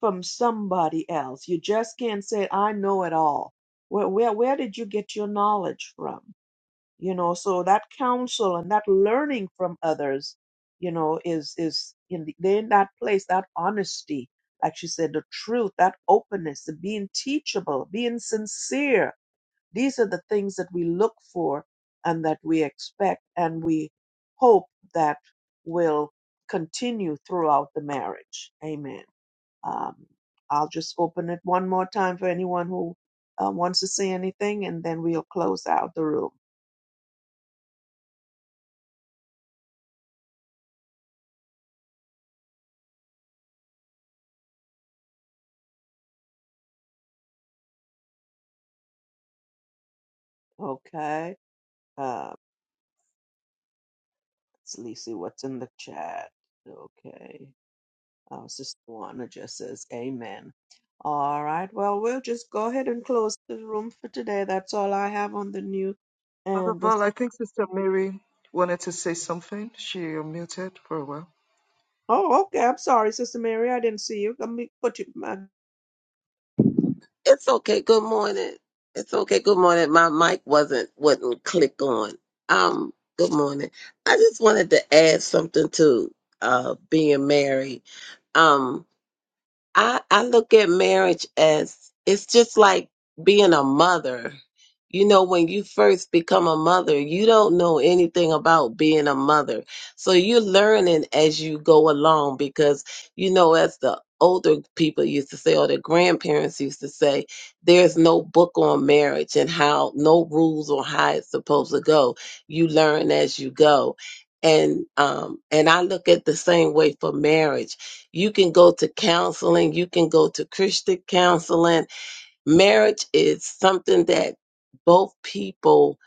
[SPEAKER 1] from somebody else. You just can't say, I know it all. Where, where, where did you get your knowledge from? You know, so that counsel and that learning from others, you know, is, is in, the, they're in that place, that honesty, like she said, the truth, that openness, the being teachable, being sincere. These are the things that we look for and that we expect and we hope that will continue throughout the marriage. Amen. Um, I'll just open it one more time for anyone who uh, wants to say anything, and then we'll close out the room. Okay. Uh, let's see what's in the chat. Okay. Uh, Sister Juana just says, Amen. All right. Well, we'll just go ahead and close the room for today. That's all I have on the new.
[SPEAKER 3] Father
[SPEAKER 1] And this,
[SPEAKER 3] Val, I think Sister Mary wanted to say something. She muted for a while.
[SPEAKER 1] oh, okay. I'm sorry, Sister Mary. I didn't see you. Let me put you. My,
[SPEAKER 4] It's okay. Good morning. It's okay. Good morning. My mic wasn't wouldn't click on. Um. Good morning. I just wanted to add something to uh being married. Um. I, I look at marriage as it's just like being a mother. You know, when you first become a mother, you don't know anything about being a mother. So you're learning as you go along because, you know, as the older people used to say, or the grandparents used to say, there's no book on marriage and how, no rules on how it's supposed to go. You learn as you go. And, um, and I look at the same way for marriage you can go to counseling, you can go to Christian counseling. Marriage is something that both people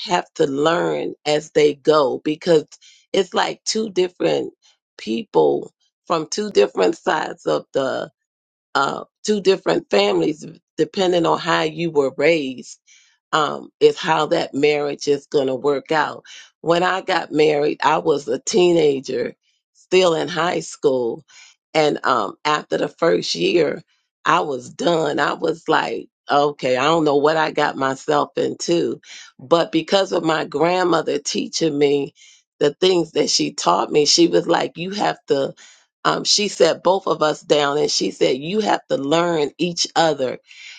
[SPEAKER 4] have to learn as they go because it's like two different people from two different sides of the uh two different families depending on how you were raised um, is how that marriage is going to work out. When I got married, I was a teenager, still in high school. And um, after the first year, I was done. I was like, okay, I don't know what I got myself into. But because of my grandmother teaching me the things that she taught me, she was like, you have to. Um, she sat both of us down and she said, You have to learn each other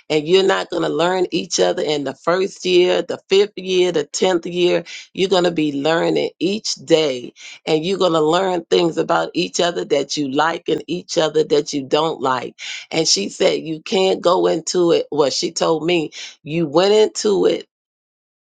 [SPEAKER 4] and you're not going to learn each other in the first year, the fifth year, the tenth year. You're going to be learning each day, and you're going to learn things about each other that you like and each other that you don't like. And she said, You can't go into it. Well, she told me, You went into it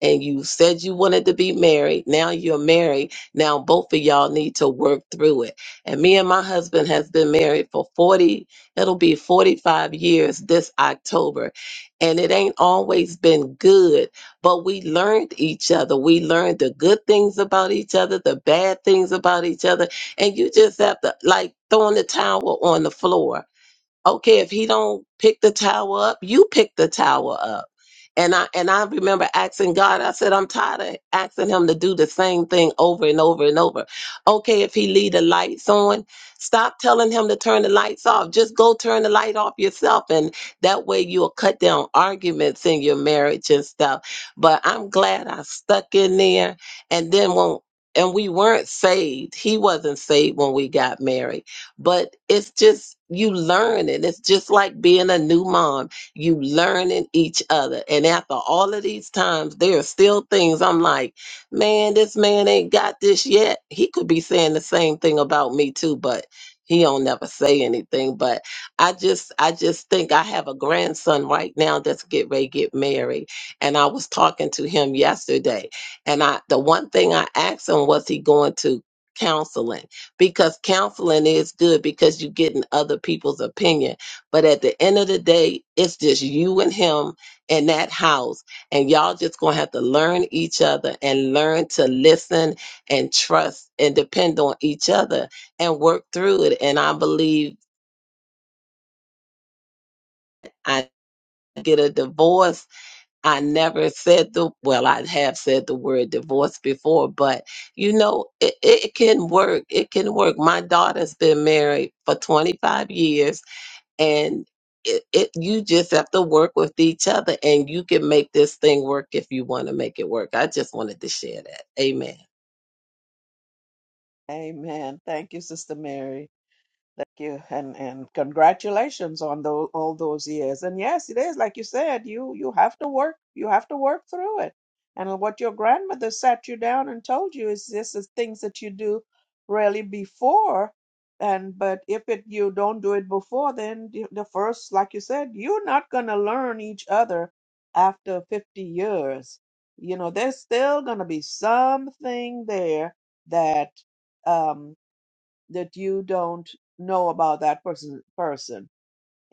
[SPEAKER 4] and you said you wanted to be married. Now you're married. Now both of y'all need to work through it. And me and my husband has been married for 40, it'll be 45 years this October. And it ain't always been good, but we learned each other. We learned the good things about each other, the bad things about each other. And you just have to like throwing the towel on the floor. Okay, if he don't pick the towel up, you pick the towel up and I and I remember asking God, I said, I'm tired of asking him to do the same thing over and over and over. Okay, if he leave the lights on, stop telling him to turn the lights off. Just go turn the light off yourself. And that way you'll cut down arguments in your marriage and stuff. But I'm glad I stuck in there. And then when and we weren't saved. He wasn't saved when we got married. But it's just you learn and it's just like being a new mom you learning each other. And after all of these times, there are still things I'm like, man, this man ain't got this yet. He could be saying the same thing about me too, but he don't never say anything. But I just I just think I have a grandson right now that's get ready to get married. And I was talking to him yesterday. And I the one thing I asked him was he going to counseling because counseling is good because you're getting other people's opinion but at the end of the day, it's just you and him in that house. And y'all just gonna have to learn each other and learn to listen and trust and depend on each other and work through it. And I believe I get a divorce. I never said the well, I have said the word divorce before, but you know, it, it can work. It can work. My daughter's been married for 25 years and it, it you just have to work with each other and you can make this thing work if you want to make it work i just wanted to share that amen
[SPEAKER 1] amen. Thank you, Sister Mary. Thank you, and and congratulations on those all those years. And yes, it is like you said, you you have to work, you have to work through it. And what your grandmother sat you down and told you is this is things that you do really before. And but if it you don't do it before, then the the first, like you said, you're not gonna learn each other after 50 years. You know, there's still gonna be something there that um that you don't know about that person person.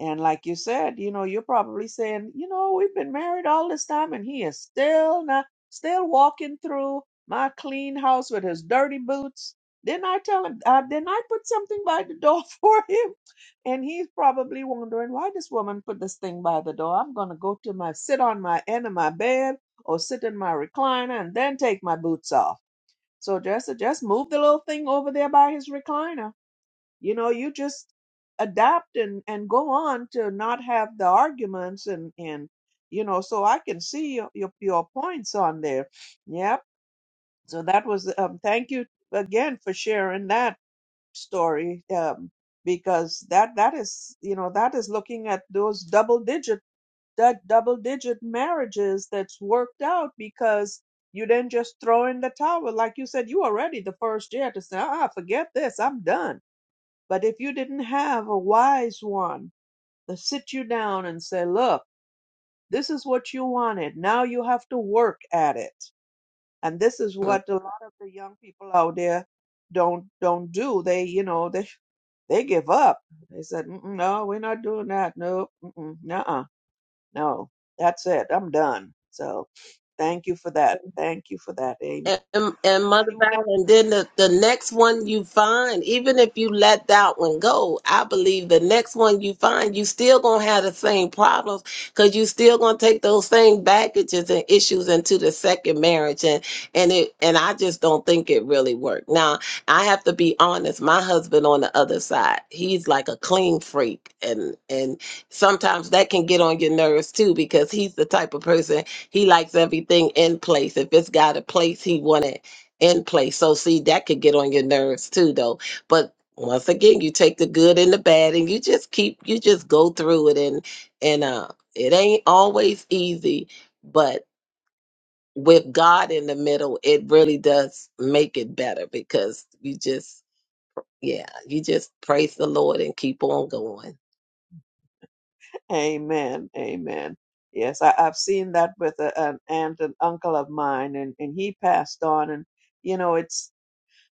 [SPEAKER 1] And like you said, you know, you're probably saying, you know, we've been married all this time and he is still not still walking through my clean house with his dirty boots. Didn't I tell him uh, didn't I put something by the door for him? And he's probably wondering why this woman put this thing by the door. I'm gonna go to my sit on my end of my bed or sit in my recliner and then take my boots off. So just just move the little thing over there by his recliner you know you just adapt and and go on to not have the arguments and and you know so i can see your your, your points on there yep so that was um thank you again for sharing that story um because that that is you know that is looking at those double digit that double digit marriages that's worked out because you didn't just throw in the towel like you said you were ready the first year to say ah forget this i'm done but if you didn't have a wise one to sit you down and say, look, this is what you wanted. Now you have to work at it. And this is
[SPEAKER 4] Mm.
[SPEAKER 1] what a lot of the young people out there don't don't do. They, you know, they they give up. They said, "Mm-mm, no, we're not doing that. No, mm-mm, nuh-uh, no, that's it. I'm done. So thank you for that. Thank you for that. Amen.
[SPEAKER 4] And, and
[SPEAKER 1] Is
[SPEAKER 4] Mother
[SPEAKER 1] anyone
[SPEAKER 4] Val, and then the, the next one you find, even if you let that one go, I believe the next one you find, you still gonna have the same problems because you still gonna take those same baggages and issues into the second marriage, and and it and I just don't think it really worked. Now I have to be honest. My husband on the other side, he's like a clean freak, and and sometimes that can get on your nerves too because he's the type of person. He likes everything in place. If it's got a place, he want it in place. So see, that could get on your nerves too, though. But once again, you take the good and the bad, and you just keep, you just go through it, and and uh, it ain't always easy, but with God in the middle, it really does make it better because you just, yeah, you just praise the Lord and keep on going.
[SPEAKER 1] Amen. Amen. Yes, I, I've seen that with a, an aunt and uncle of mine, and, and he passed on. And, you know, it's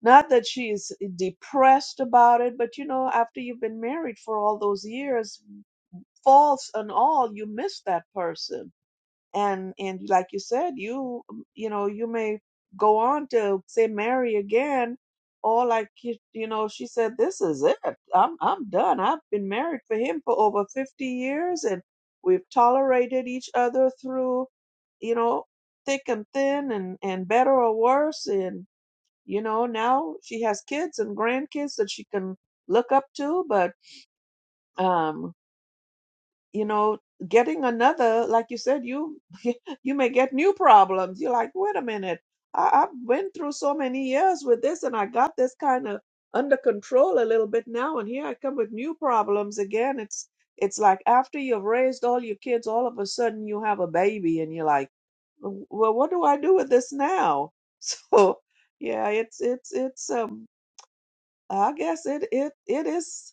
[SPEAKER 1] not that she's depressed about it, but, you know, after you've been married for all those years, faults and all, you miss that person and and like you said you um, you know you may go on to say marry again or like you, you know she said this is it i'm i'm done i've been married for him for over 50 years and we've tolerated each other through you know thick and thin and and better or worse and you know now she has kids and grandkids that she can look up to but um you know getting another like you said you you may get new problems you're like wait a minute I, i've been through so many years with this and i got this kind of under control a little bit now and here i come with new problems again it's it's like after you've raised all your kids all of a sudden you have a baby and you're like well what do i do with this now so yeah it's it's it's um i guess it it it is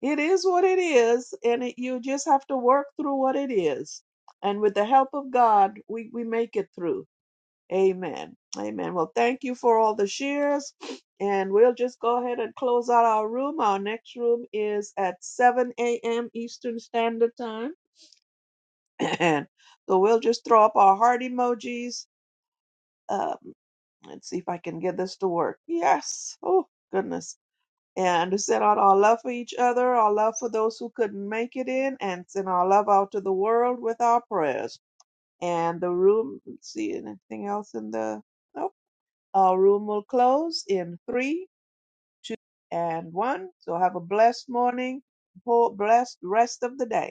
[SPEAKER 1] it is what it is, and it, you just have to work through what it is. And with the help of God, we, we make it through. Amen. Amen. Well, thank you for all the shares. And we'll just go ahead and close out our room. Our next room is at 7 a.m. Eastern Standard Time. And so we'll just throw up our heart emojis. Um, let's see if I can get this to work. Yes. Oh, goodness and send out our love for each other, our love for those who couldn't make it in, and send our love out to the world with our prayers. And the room, let's see, anything else in the, nope, our room will close in three, two, and one. So have a blessed morning, whole blessed rest of the day.